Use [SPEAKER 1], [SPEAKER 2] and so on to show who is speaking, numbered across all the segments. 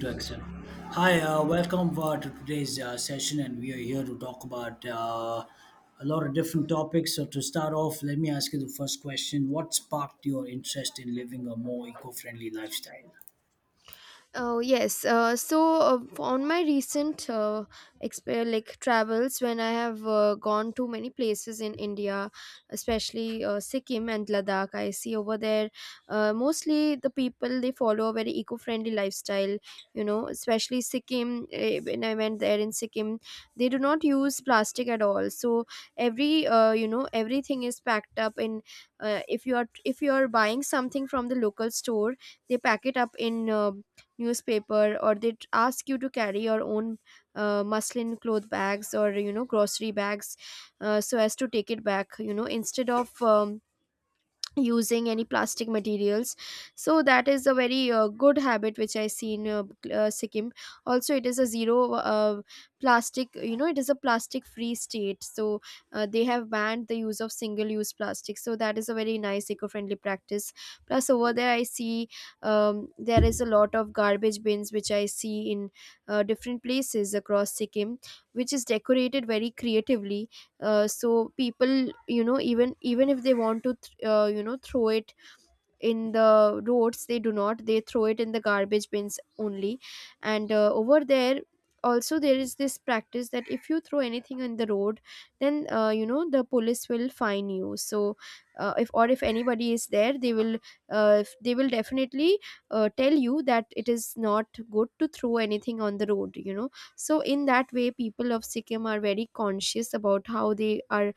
[SPEAKER 1] To accept. Hi, welcome to today's session, and we are here to talk about a lot of different topics. So, to start off, let me ask you the first question: What sparked your interest in living a more eco friendly lifestyle?
[SPEAKER 2] Oh yes. So on my recent like travels, when I have gone to many places in India, especially Sikkim and Ladakh, I see over there, mostly the people they follow a very eco-friendly lifestyle. You know, especially Sikkim. When I went there in Sikkim, they do not use plastic at all. So everything is packed up in. If you are buying something from the local store, they pack it up in. Newspaper, or they ask you to carry your own muslin cloth bags or grocery bags, so as to take it back, instead of using any plastic materials. So that is a very good habit which I see in Sikkim. Also, it is a zero plastic, it is a plastic free state. So they have banned the use of single use plastic, so that is a very nice eco friendly practice. Plus, over there I see, there is a lot of garbage bins which I see in different places across Sikkim, which is decorated very creatively. So people, even if they want to throw it in the roads, they do not, they throw it in the garbage bins only. And over there also there is this practice that if you throw anything on the road, then the police will fine you. So if, or if anybody is there, they will they will definitely tell you that it is not good to throw anything on the road, you know. So in that way people of Sikkim are very conscious about how they are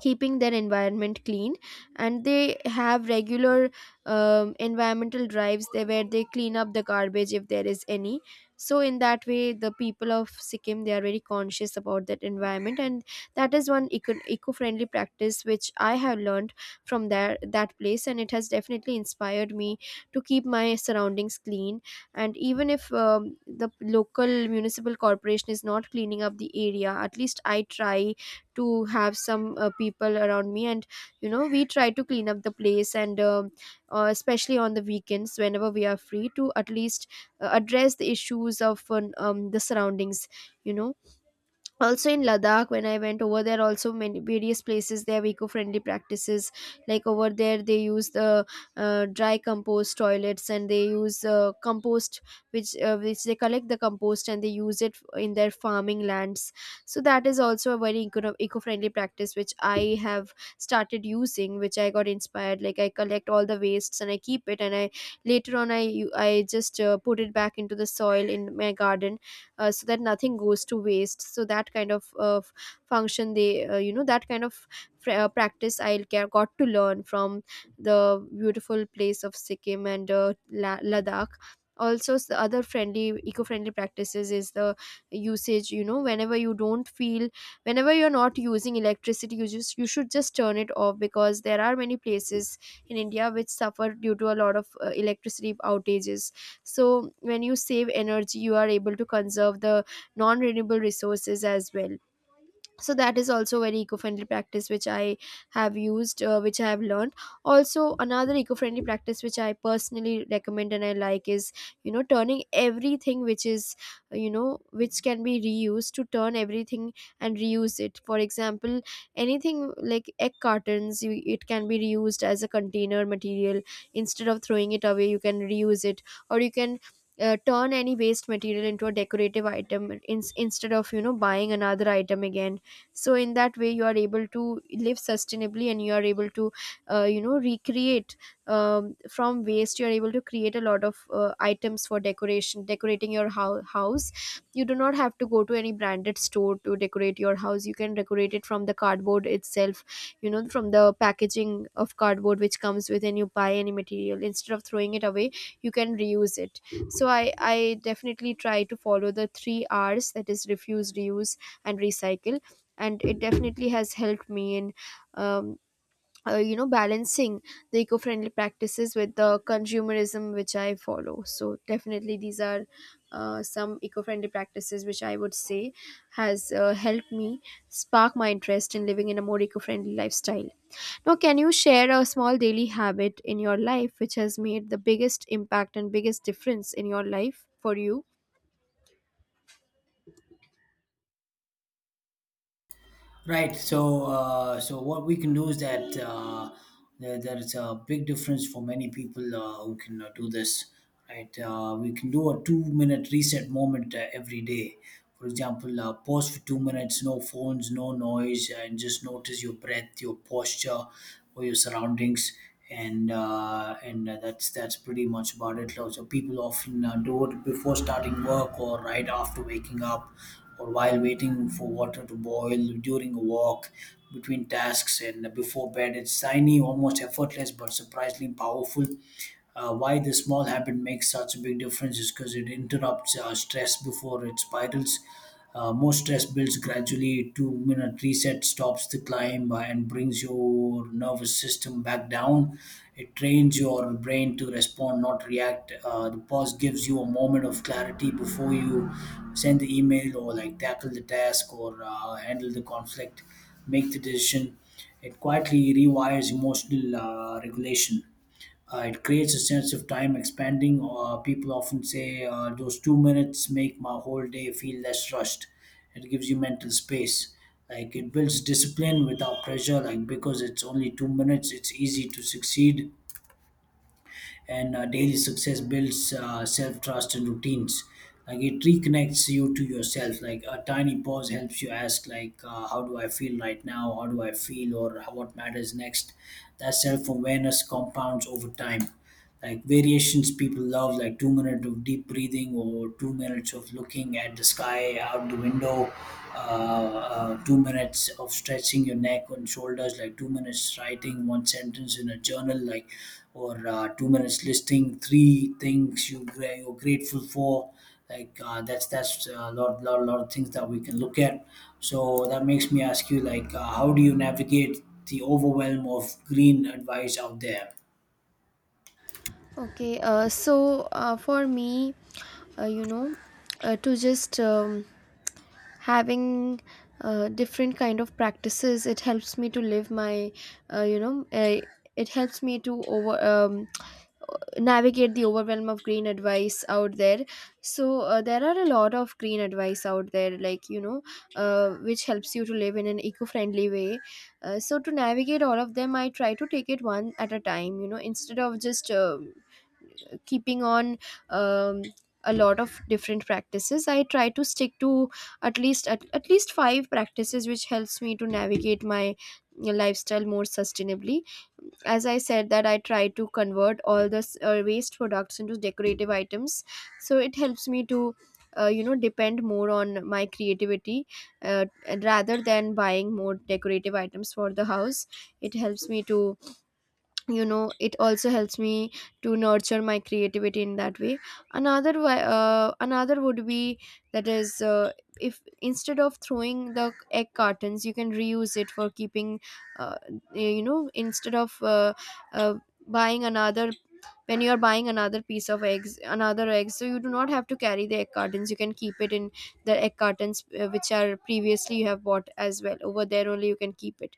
[SPEAKER 2] keeping their environment clean, and they have regular environmental drives there where they clean up the garbage if there is any. So in that way the people of Sikkim, they are very conscious about that environment, and that is one eco-friendly practice which I have learned from there, that place, and it has definitely inspired me to keep my surroundings clean. And even if the local municipal corporation is not cleaning up the area, at least I try to have some people around me, and we try to clean up the place, and especially on the weekends, whenever we are free, to at least address the issues of the surroundings, you know. Also in Ladakh, when I went over there, also many various places they have eco-friendly practices. Like, over there they use the dry compost toilets, and they use compost, which they collect the compost and they use it in their farming lands. So that is also a very eco-friendly practice which I have started using, which I got inspired. Like, I collect all the wastes and I keep it, and I later on I just put it back into the soil in my garden. So that nothing goes to waste, so that kind of function they that kind of practice I got to learn from the beautiful place of Sikkim and Ladakh. Also, other friendly eco-friendly practices is the usage. You know, whenever you don't feel, whenever you're not using electricity, you should just turn it off, because there are many places in India which suffer due to a lot of electricity outages. So when you save energy, you are able to conserve the non renewable resources as well. So that is also very eco-friendly practice which I have used, which I have learned. Also, another eco-friendly practice which I personally recommend and I like is, you know, turning everything which is which can be reused, to turn everything and reuse it. For example, anything like egg cartons, it can be reused as a container material. Instead of throwing it away, you can reuse it. Or you can turn any waste material into a decorative item, instead of buying another item again. So in that way you are able to live sustainably, and you are able to recreate. From waste you are able to create a lot of items for decoration decorating your house. You do not have to go to any branded store to decorate your house. You can decorate it from the cardboard itself, you know, from the packaging of cardboard which comes with, and you buy any material. Instead of throwing it away, you can reuse it. So I definitely try to follow the three R's, that is refuse, reuse, and recycle. And it definitely has helped me in um, balancing the eco-friendly practices with the consumerism which I follow. So, definitely, these are some eco-friendly practices which I would say has helped me spark my interest in living in a more eco-friendly lifestyle. Now, can you share a small daily habit in your life which has made the biggest impact and biggest difference in your life for you?
[SPEAKER 1] Right. So, what we can do is that there's a big difference for many people who can do this. Right. We can do a two-minute reset moment every day. For example, pause for 2 minutes, no phones, no noise, and just notice your breath, your posture, or your surroundings, and that's pretty much about it. So people often do it before starting work or right after waking up, or while waiting for water to boil, during a walk, between tasks, and before bed. It's tiny, almost effortless, but surprisingly powerful. Why this small habit makes such a big difference is because it interrupts stress before it spirals. More stress builds gradually. 2 minute reset stops the climb and brings your nervous system back down. It trains your brain to respond, not react. The pause gives you a moment of clarity before you send the email, or like tackle the task, or handle the conflict, make the decision. It quietly rewires emotional regulation. It creates a sense of time expanding. People often say those 2 minutes make my whole day feel less rushed. It gives you mental space. Like it builds discipline without pressure. Like, because it's only 2 minutes, it's easy to succeed, and daily success builds self trust and routines. Like it reconnects you to yourself. Like a tiny pause helps you ask, like, how do I feel right now? How do I feel? Or what matters next? That self awareness compounds over time. Like variations people love, like 2 minutes of deep breathing, or 2 minutes of looking at the sky out the window, 2 minutes of stretching your neck and shoulders, like 2 minutes writing one sentence in a journal, like, or 2 minutes listing three things you're grateful for. Like that's a lot of things that we can look at. So that makes me ask you, like, how do you navigate the overwhelm of green advice out there?
[SPEAKER 2] Okay, for me, uh, you know, to just having different kind of practices, it helps me to live my, uh, you know, uh, it helps me to over navigate the overwhelm of green advice out there. So there are a lot of green advice out there, like, you know, which helps you to live in an eco-friendly way. So to navigate all of them, I try to take it one at a time. You know, instead of just keeping on, um, a lot of different practices, I try to stick to at least at least five practices which helps me to navigate my lifestyle more sustainably. As I said, that I try to convert all the waste products into decorative items, so it helps me to depend more on my creativity, uh, rather than buying more decorative items for the house. It helps me to, it also helps me to nurture my creativity in that way. Another another would be, that is, if instead of throwing the egg cartons, you can reuse it for keeping. uh, Instead of uh, buying another, when you are buying another piece of eggs, another egg, so you do not have to carry the egg cartons, you can keep it in the egg cartons, which are previously you have bought as well, over there only you can keep it.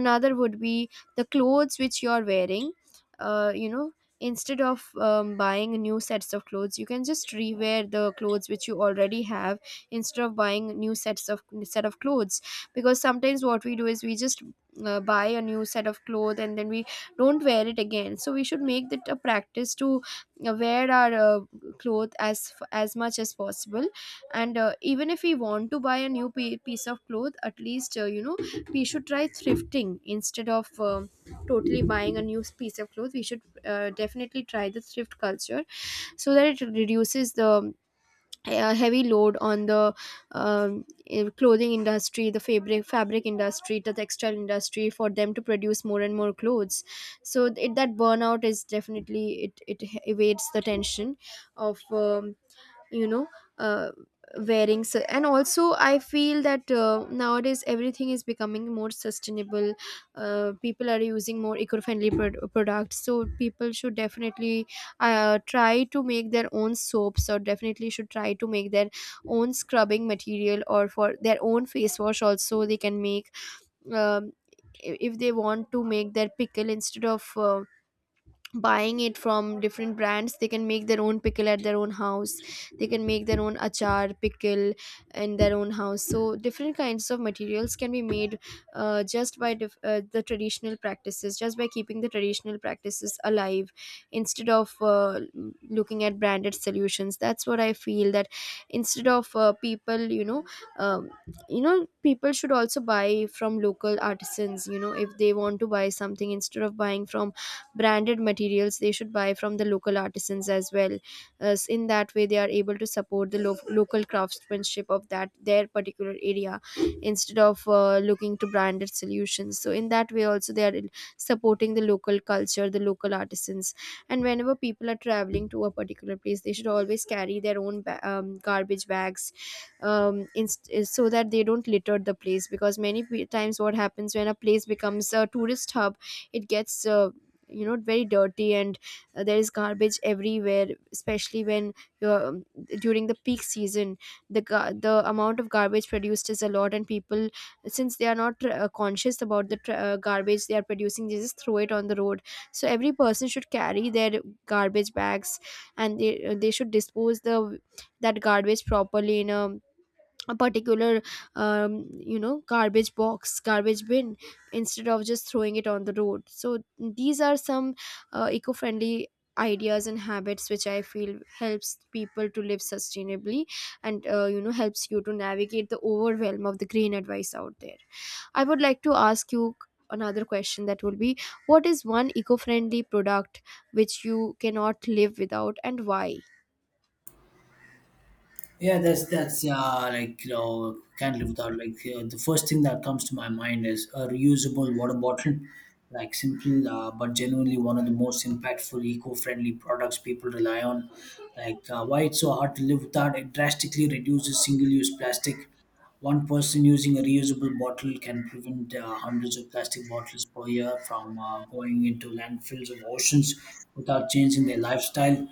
[SPEAKER 2] Another would be the clothes which you're wearing. uh, you know Instead of buying new sets of clothes, you can just rewear the clothes which you already have, instead of buying new set of clothes. Because sometimes what we do is we just buy a new set of clothes and then we don't wear it again. So we should make that a practice to wear our clothes as much as possible. And even if we want to buy a new piece of cloth, at least we should try thrifting, instead of totally buying a new piece of clothes, we should definitely try the thrift culture, so that it reduces the heavy load on the um, clothing industry, the fabric industry, the textile industry, for them to produce more and more clothes. So that burnout is definitely, it evades the tension of you know uh, wearing. So, and also I feel that nowadays everything is becoming more sustainable. People are using more eco-friendly products, so people should definitely try to make their own soaps, or definitely should try to make their own scrubbing material, or for their own face wash also they can make. Um, I- if they want to make their pickle, instead of buying it from different brands, they can make their own pickle at their own house, they can make their own achar pickle in their own house. So different kinds of materials can be made, just by the traditional practices, just by keeping the traditional practices alive, instead of looking at branded solutions. That's what I feel, that instead of people, um, people should also buy from local artisans. You know, if they want to buy something, instead of buying from branded materials, they should buy from the local artisans as well. As in that way they are able to support the local craftsmanship of that, their particular area, instead of looking to branded solutions. So in that way also they are supporting the local culture, the local artisans. And whenever people are Traveling to a particular place, they should always carry their own garbage bags, so that they don't litter the place, because many times what happens when a place becomes a tourist hub, it gets very dirty, and there is garbage everywhere, especially when you're during the peak season, the amount of garbage produced is a lot, and people, since they are not conscious about the tr garbage they are producing, they just throw it on the road. So every person should carry their garbage bags, and they should dispose the that garbage properly in a particular, garbage box, garbage bin, instead of just throwing it on the road. So these are some eco-friendly ideas and habits which I feel helps people to live sustainably, and helps you to navigate the overwhelm of the green advice out there. I would like to ask you another question, that will be: what is one eco-friendly product which you cannot live without, and why?
[SPEAKER 1] Yeah, that's like can't live without. Like, the first thing that comes to my mind is a reusable water bottle, like simple, but genuinely one of the most impactful eco-friendly products people rely on. Like, why it's so hard to live without: it drastically reduces single-use plastic. One person using a reusable bottle can prevent hundreds of plastic bottles per year from going into landfills or oceans without changing their lifestyle.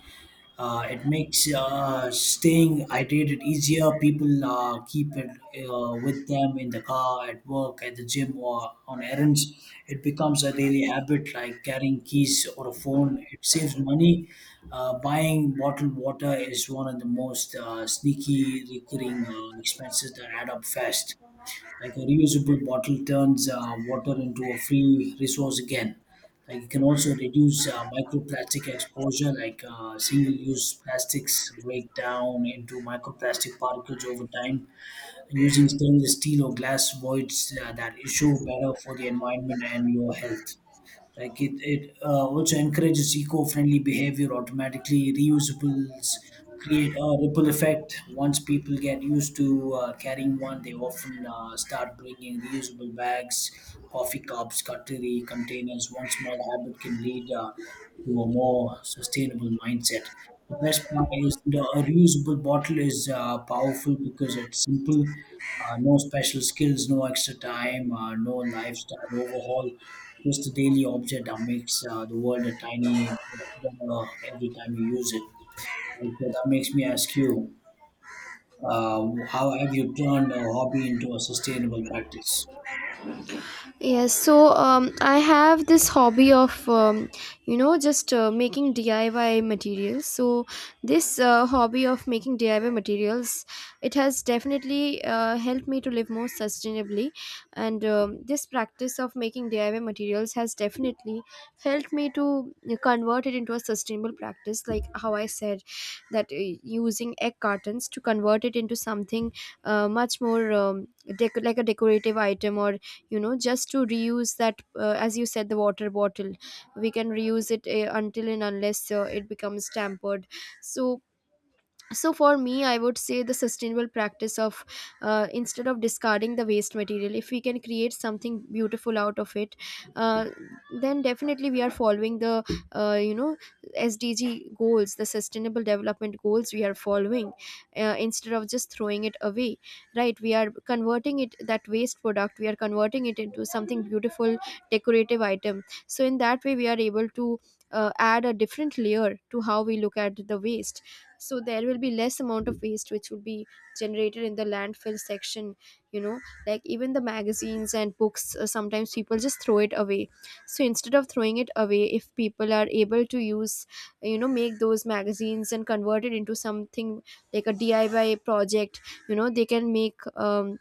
[SPEAKER 1] It makes staying hydrated easier. People keep it with them in the car, at work, at the gym, or on errands. It becomes a daily habit like carrying keys or a phone. It saves money. Buying bottled water is one of the most sneaky recurring expenses that add up fast. Like a reusable bottle turns water into a free resource again. Like, you can also reduce microplastic exposure, like single-use plastics break down into microplastic particles over time. Using stainless steel or glass voids that issue, better for the environment and your health. Like it also encourages eco-friendly behavior automatically. Reusables create a ripple effect. Once people get used to carrying one, they often start bringing reusable bags, coffee cups, cutlery, containers. One small habit can lead to a more sustainable mindset. The best part is, the a reusable bottle is powerful because it's simple. No special skills, no extra time, no lifestyle overhaul, just a daily object that makes the world a tiny bit better every time you use it. And so that makes me ask you, uh, how have you turned a hobby into a sustainable practice?
[SPEAKER 2] Yes, so I have this hobby of, just making DIY materials. So this hobby of making DIY materials, it has definitely helped me to live more sustainably. And this practice of making DIY materials has definitely helped me to convert it into a sustainable practice. Like how I said, that using egg cartons to convert it into something much more, like a decorative item, or, just to reuse that, as you said, the water bottle we can reuse it until and unless it becomes tampered. So so for me, I would say the sustainable practice of, instead of discarding the waste material, if we can create something beautiful out of it, uh, then definitely we are following the, uh, you know SDG goals, the sustainable development goals, we are following, instead of just throwing it away. Right, we are converting it, that waste product, we are converting it into something beautiful, decorative item. So in that way we are able to add a different layer to how we look at the waste. So there will be less amount of waste which will be generated in the landfill section, you know. Like, even the magazines and books, sometimes people just throw it away. So instead of throwing it away, if people are able to use, you know, make those magazines and convert it into something like a DIY project, you know, they can make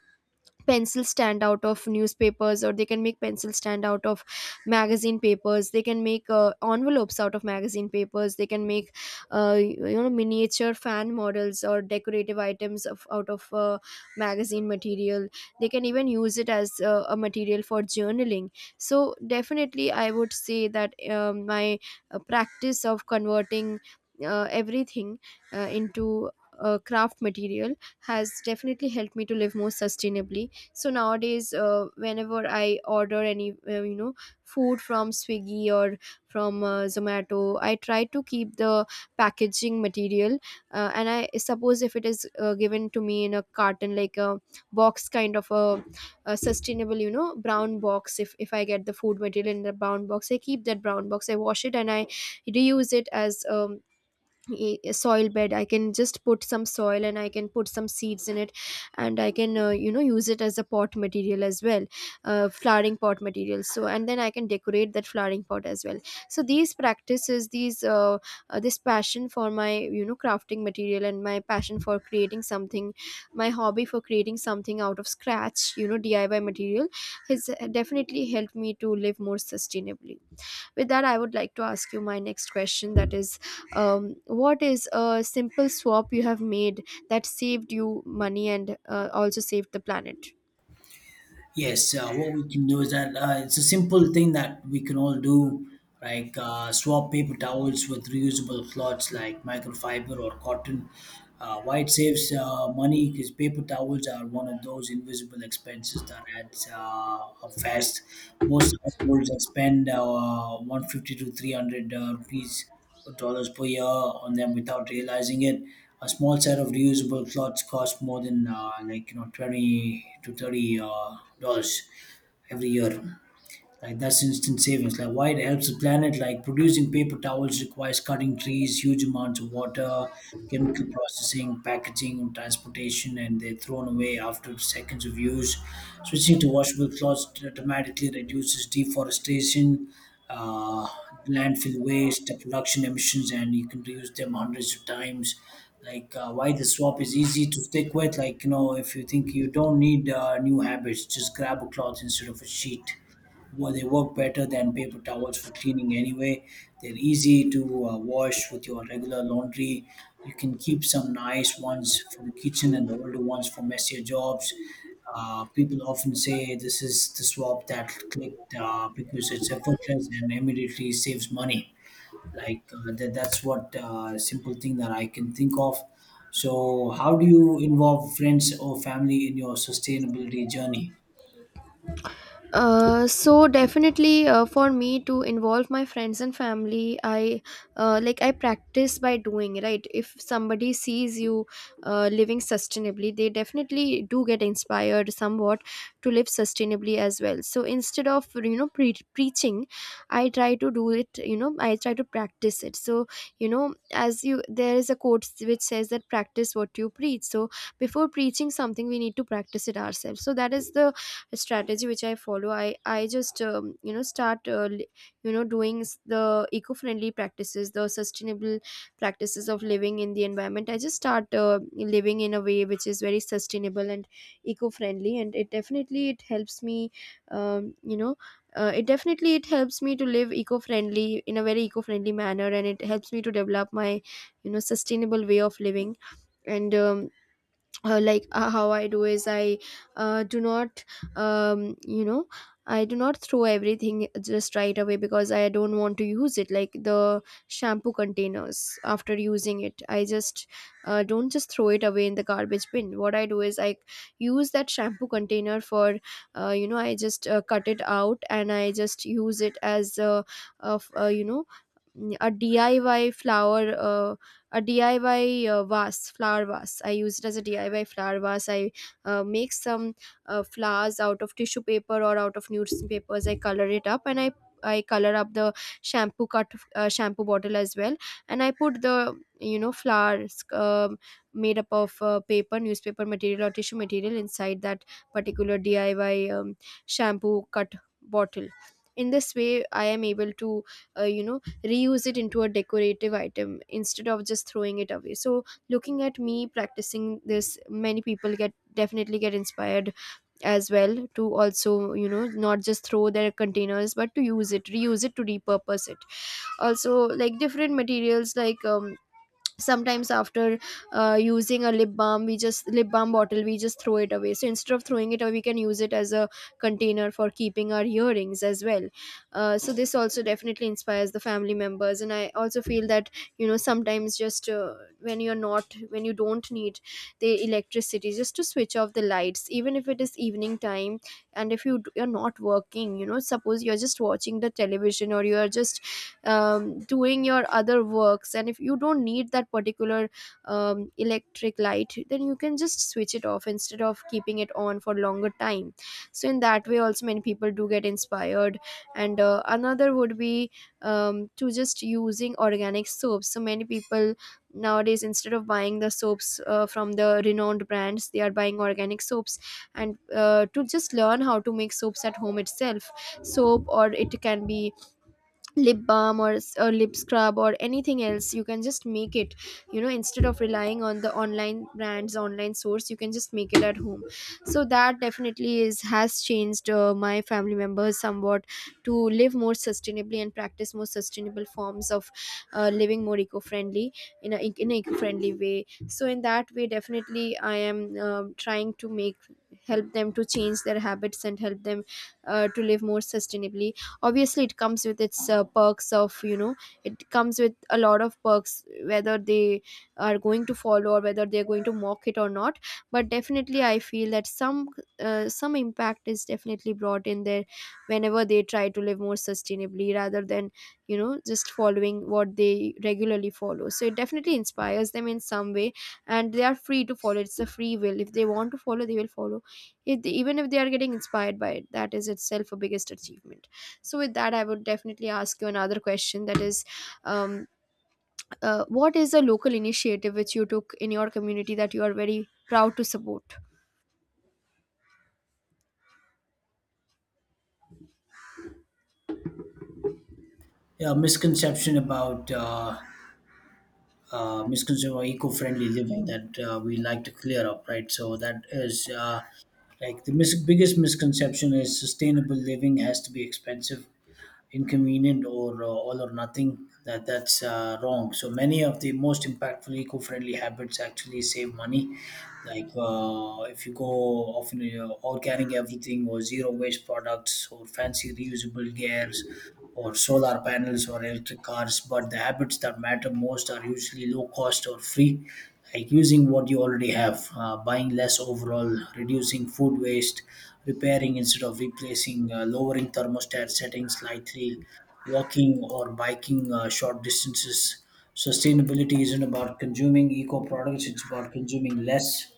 [SPEAKER 2] pencils stand out of newspapers, or they can make pencils stand out of magazine papers, they can make envelopes out of magazine papers, they can make, miniature fan models or decorative items out of magazine material. They can even use it as a material for journaling. So definitely I would say that my practice of converting everything into craft material has definitely helped me to live more sustainably. So nowadays, whenever I order any, food from Swiggy, or from Zomato, I try to keep the packaging material, and I suppose if it is given to me in a carton, like a box kind of a sustainable, you know, brown box, if I get the food material in the brown box, I keep that brown box, I wash it, and I reuse it as, a soil bed. I can just put some soil, and I can put some seeds in it, and I can, use it as a pot material as well, flowering pot material. So, and then I can decorate that flowering pot as well. So these practices, these this passion for my, you know, crafting material, and my passion for creating something, my hobby for creating something out of scratch, you know, DIY material, has definitely helped me to live more sustainably. With that, I would like to ask you my next question, that is: what is a simple swap you have made that saved you money, and also saved the planet?
[SPEAKER 1] Yes, what we can do is that it's a simple thing that we can all do, like swap paper towels with reusable cloths like microfiber or cotton. Why it saves money: because paper towels are one of those invisible expenses that adds up fast. Most households expend 150 to 300 rupees dollars per year on them without realizing it. A small set of reusable cloths costs more than like 20 to 30 dollars every year. Like, that's instant savings. Like, why it helps the planet: like, producing paper towels requires cutting trees, huge amounts of water, chemical processing, packaging, and transportation, and they're thrown away after seconds of use. Switching to washable cloths dramatically reduces deforestation, uh, landfill waste, production emissions, and you can reuse them hundreds of times. Like, why the swap is easy to stick with: like if you think, you don't need new habits, just grab a cloth instead of a sheet. Well, they work better than paper towels for cleaning anyway. They're easy to wash with your regular laundry. You can keep some nice ones for the kitchen and the older ones for messier jobs. People often say this is the swap that clicked because it's effortless and immediately saves money. Like, that's what, simple thing that I can think of. So, how do you involve friends or family in your sustainability journey?
[SPEAKER 2] So definitely for me to involve my friends and family, I like, I practice by doing. Right, if somebody sees you living sustainably, they definitely do get inspired somewhat to live sustainably as well. So instead of, you know, preaching, I try to do it, you know, I try to practice it. So, you know, as you there is a quote which says that practice what you preach. So before preaching something, we need to practice it ourselves. So that is the strategy which I follow. I just start, you know, doing, the eco-friendly practices, the sustainable practices of living in the environment. I just start living in a way which is very sustainable and eco-friendly, and it definitely, it helps me, um, you know it definitely, it helps me to live eco-friendly in a very eco-friendly manner, and it helps me to develop my, you know, sustainable way of living. And how I do is, I do not, um, you know I do not throw everything just right away, because I don't want to use it, like the shampoo containers. After using it, I just don't just throw it away in the garbage bin. What I do is, I use that shampoo container for, I just cut it out, and I just use it as, a, of you know mm, a DIY flower, a DIY vase, flower vase. I use it as a DIY flower vase. I make some flowers out of tissue paper or out of newspapers. I color it up, and I color up the, shampoo bottle as well, and I put the, you know, flowers, made up of paper, newspaper material or tissue material, inside that particular DIY, shampoo cut bottle. In this way, I am able to, uh, you know reuse it into a decorative item instead of just throwing it away. So looking at me practicing this, many people get definitely get inspired as well, to also, you know, not just throw their containers but to use it, reuse it, to repurpose it. Also, like different materials, like, sometimes after using a lip balm, we just— lip balm bottle, we just throw it away. So instead of throwing it away, we can use it as a container for keeping our earrings as well. Uh, so this also definitely inspires the family members, and I also feel that, you know, sometimes, just when you're not, when you don't need the electricity, just to switch off the lights even if it is evening time. And if you're not working, you know, suppose you're just watching the television, or you're just doing your other works, and if you don't need that particular electric light, then you can just switch it off instead of keeping it on for longer time. So in that way also, many people do get inspired. And another would be, to just using organic soaps. So many people nowadays, instead of buying the soaps from the renowned brands, they are buying organic soaps, and to just learn how to make soaps at home itself. Soap, or it can be lip balm, or lip scrub, or anything else, you can just make it, you know, instead of relying on the online brands, online source. You can just make it at home. So that definitely is has changed, my family members somewhat, to live more sustainably and practice more sustainable forms of, living more eco-friendly, in a in an eco-friendly way. So in that way definitely I am, trying to make help them to change their habits, and help them, to live more sustainably. Obviously, it comes with its perks of, you know, it comes with a lot of perks, whether they are going to follow, or whether they're going to mock it or not. But definitely I feel that some impact is definitely brought in there, whenever they try to live more sustainably, rather than, you know, just following what they regularly follow. So it definitely inspires them in some way, and they are free to follow. It's a free will. If they want to follow, they will follow. If they, Even if they are getting inspired by it, that is itself a biggest achievement. So, with that, I would definitely ask you another question, that is, um, what is a local initiative which you took in your community that you are very proud to support?
[SPEAKER 1] Yeah, misconception about misconception of eco-friendly living that we like to clear up, right? So that is, like, the biggest misconception is sustainable living has to be expensive, inconvenient, or all or nothing. That's wrong. So many of the most impactful eco-friendly habits actually save money. Like, if you go often organic everything, or zero waste products, or fancy reusable gears, or solar panels, or electric cars, but the habits that matter most are usually low cost or free, like using what you already have, buying less overall, reducing food waste, repairing instead of replacing, lowering thermostat settings slightly, walking or biking short distances. Sustainability isn't about consuming eco products, it's about consuming less.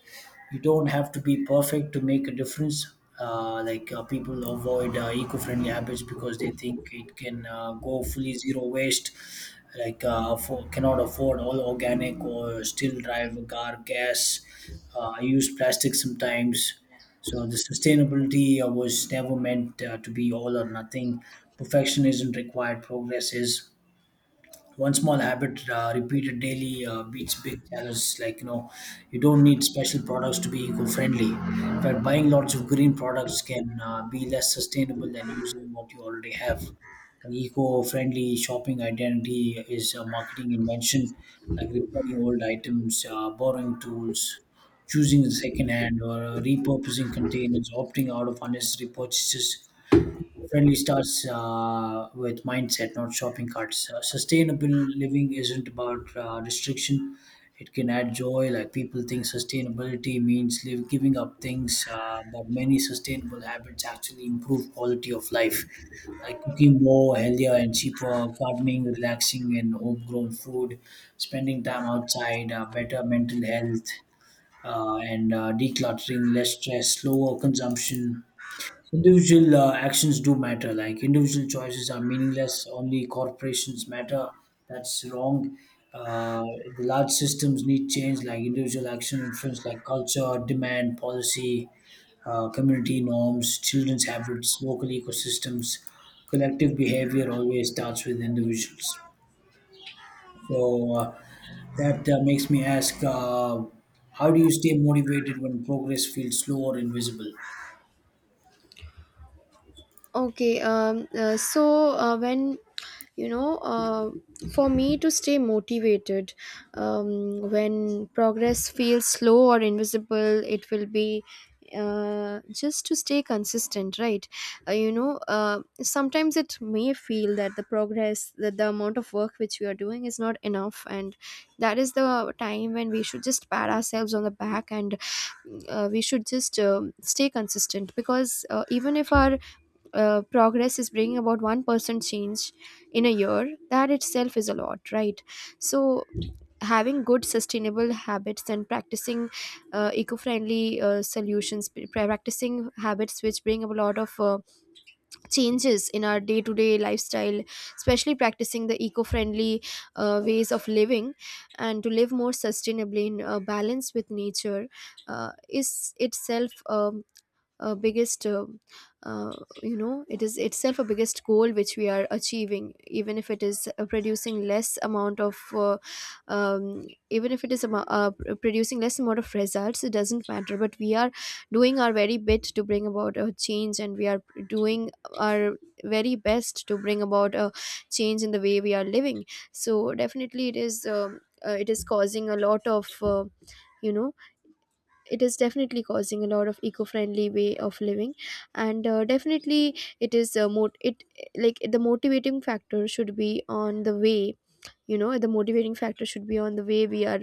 [SPEAKER 1] You don't have to be perfect to make a difference. Like people avoid eco-friendly habits because they think it can go fully zero waste, like, cannot afford all organic or still drive a car gas. I use plastic sometimes. So the sustainability was never meant to be all or nothing. Perfection isn't required, progress is. One small habit repeated daily beats big challenges. Like you don't need special products to be eco-friendly. In fact, buying lots of green products can be less sustainable than using what you already have. An eco-friendly shopping identity is a marketing invention, like repairing old items, borrowing tools, choosing second hand, or repurposing containers, opting out of unnecessary purchases. Friendly starts with mindset, not shopping carts. Sustainable living isn't about restriction. It can add joy. Like, people think sustainability means live, giving up things, but many sustainable habits actually improve quality of life, like cooking more, healthier and cheaper, gardening, relaxing, and homegrown food, spending time outside, better mental health, and decluttering, less stress, slower consumption. Individual actions do matter. Like, individual choices are meaningless. Only corporations matter. That's wrong. Uh, the large systems need change. Like, individual action influence, like culture, demand, policy, community norms, children's habits, local ecosystems. Collective behavior always starts with individuals. So, that makes me ask, how do you stay motivated when progress feels slow or invisible?
[SPEAKER 2] Okay, when you know, uh, for me to stay motivated, when progress feels slow or invisible, it will be just to stay consistent, right? Sometimes it may feel that the progress, that the amount of work which we are doing is not enough, and that is the time when we should just pat ourselves on the back, and we should just stay consistent, because even if our progress is bringing about 1% change in a year, that itself is a lot, right? So having good sustainable habits and practicing eco-friendly solutions, practicing habits which bring up a lot of changes in our day-to-day lifestyle, especially practicing the eco-friendly ways of living and to live more sustainably in balance with nature, is itself a biggest uh, it is itself a biggest goal which we are achieving, even if it is producing less amount of um, even if it is producing less amount of results, it doesn't matter, but we are doing our very bit to bring about a change, and we are doing our very best to bring about a change in the way we are living. So definitely it is causing a lot of you know it is definitely causing a lot of eco-friendly way of living. And definitely it is it, like, the motivating factor should be on the way, you know, the motivating factor should be on the way we are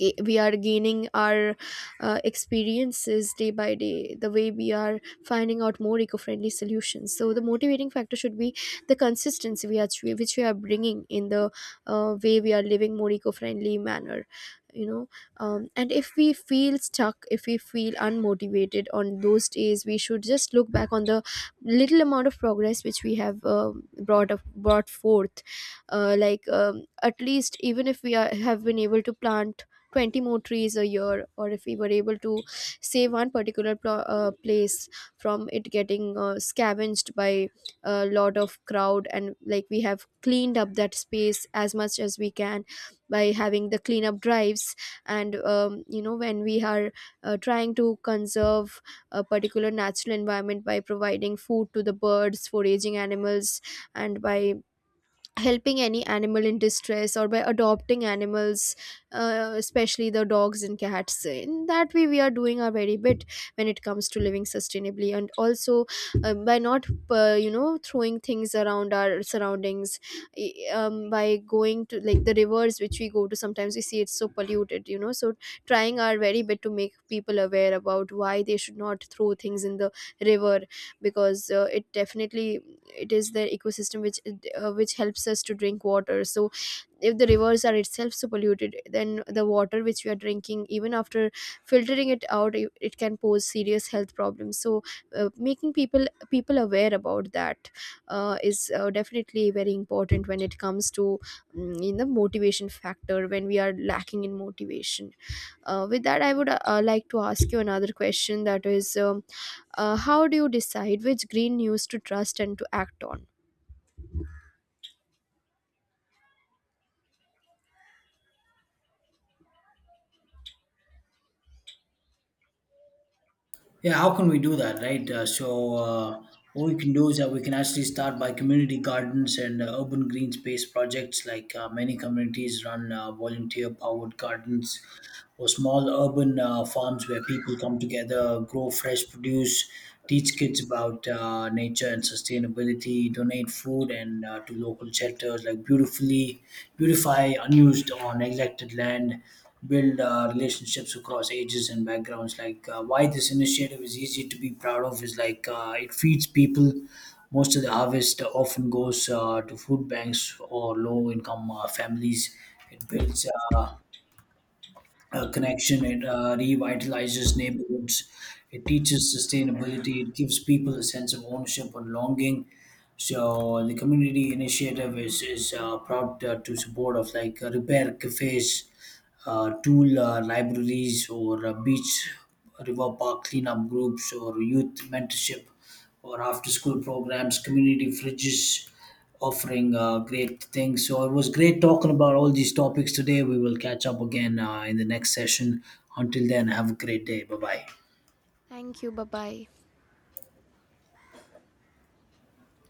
[SPEAKER 2] we are gaining our experiences day by day, the way we are finding out more eco-friendly solutions. So the motivating factor should be the consistency we are which we are bringing in the way we are living, more eco-friendly manner, you know. And if we feel stuck, if we feel unmotivated on those days, we should just look back on the little amount of progress which we have brought forth. At least even if we are, have been able to plant 20 more trees a year, or if we were able to save one particular place from it getting scavenged by a lot of crowd, and like we have cleaned up that space as much as we can by having the cleanup drives. And when we are trying to conserve a particular natural environment by providing food to the birds, foraging animals, and by helping any animal in distress, or by adopting animals, especially the dogs and cats, in that way we are doing our very bit when it comes to living sustainably. And also by not, throwing things around our surroundings, by going to like the rivers which we go to sometimes, we see it's so polluted, you know. So trying our very bit to make people aware about why they should not throw things in the river, because it definitely, it is the ecosystem which helps us to drink water. So if the rivers are itself so polluted, then the water which we are drinking, even after filtering it out, it can pose serious health problems. So making people aware about that is definitely very important when it comes to, in the motivation factor when we are lacking in motivation. With that, I would like to ask you another question, that is, how do you decide which green news to trust and to act on?
[SPEAKER 1] Yeah, how can we do that, right? What we can do is that we can actually start by community gardens and urban green space projects. Like, many communities run volunteer powered gardens or small urban farms where people come together, grow fresh produce, teach kids about nature and sustainability, donate food and to local shelters, like beautifully beautify unused or neglected land, build relationships across ages and backgrounds. Like, why this initiative is easy to be proud of is, like, it feeds people. Most of the harvest often goes to food banks or low income families. It builds uh, connection. It revitalizes neighborhoods. It teaches sustainability. It gives people a sense of ownership and longing. So the community initiative is proud to support of, like repair cafes, tool libraries, or beach river park cleanup groups, or youth mentorship, or after school programs, community fridges offering great things. So it was great talking about all these topics today. We will catch up again in the next session. Until then, have a great day. Bye bye.
[SPEAKER 2] Thank you. Bye bye.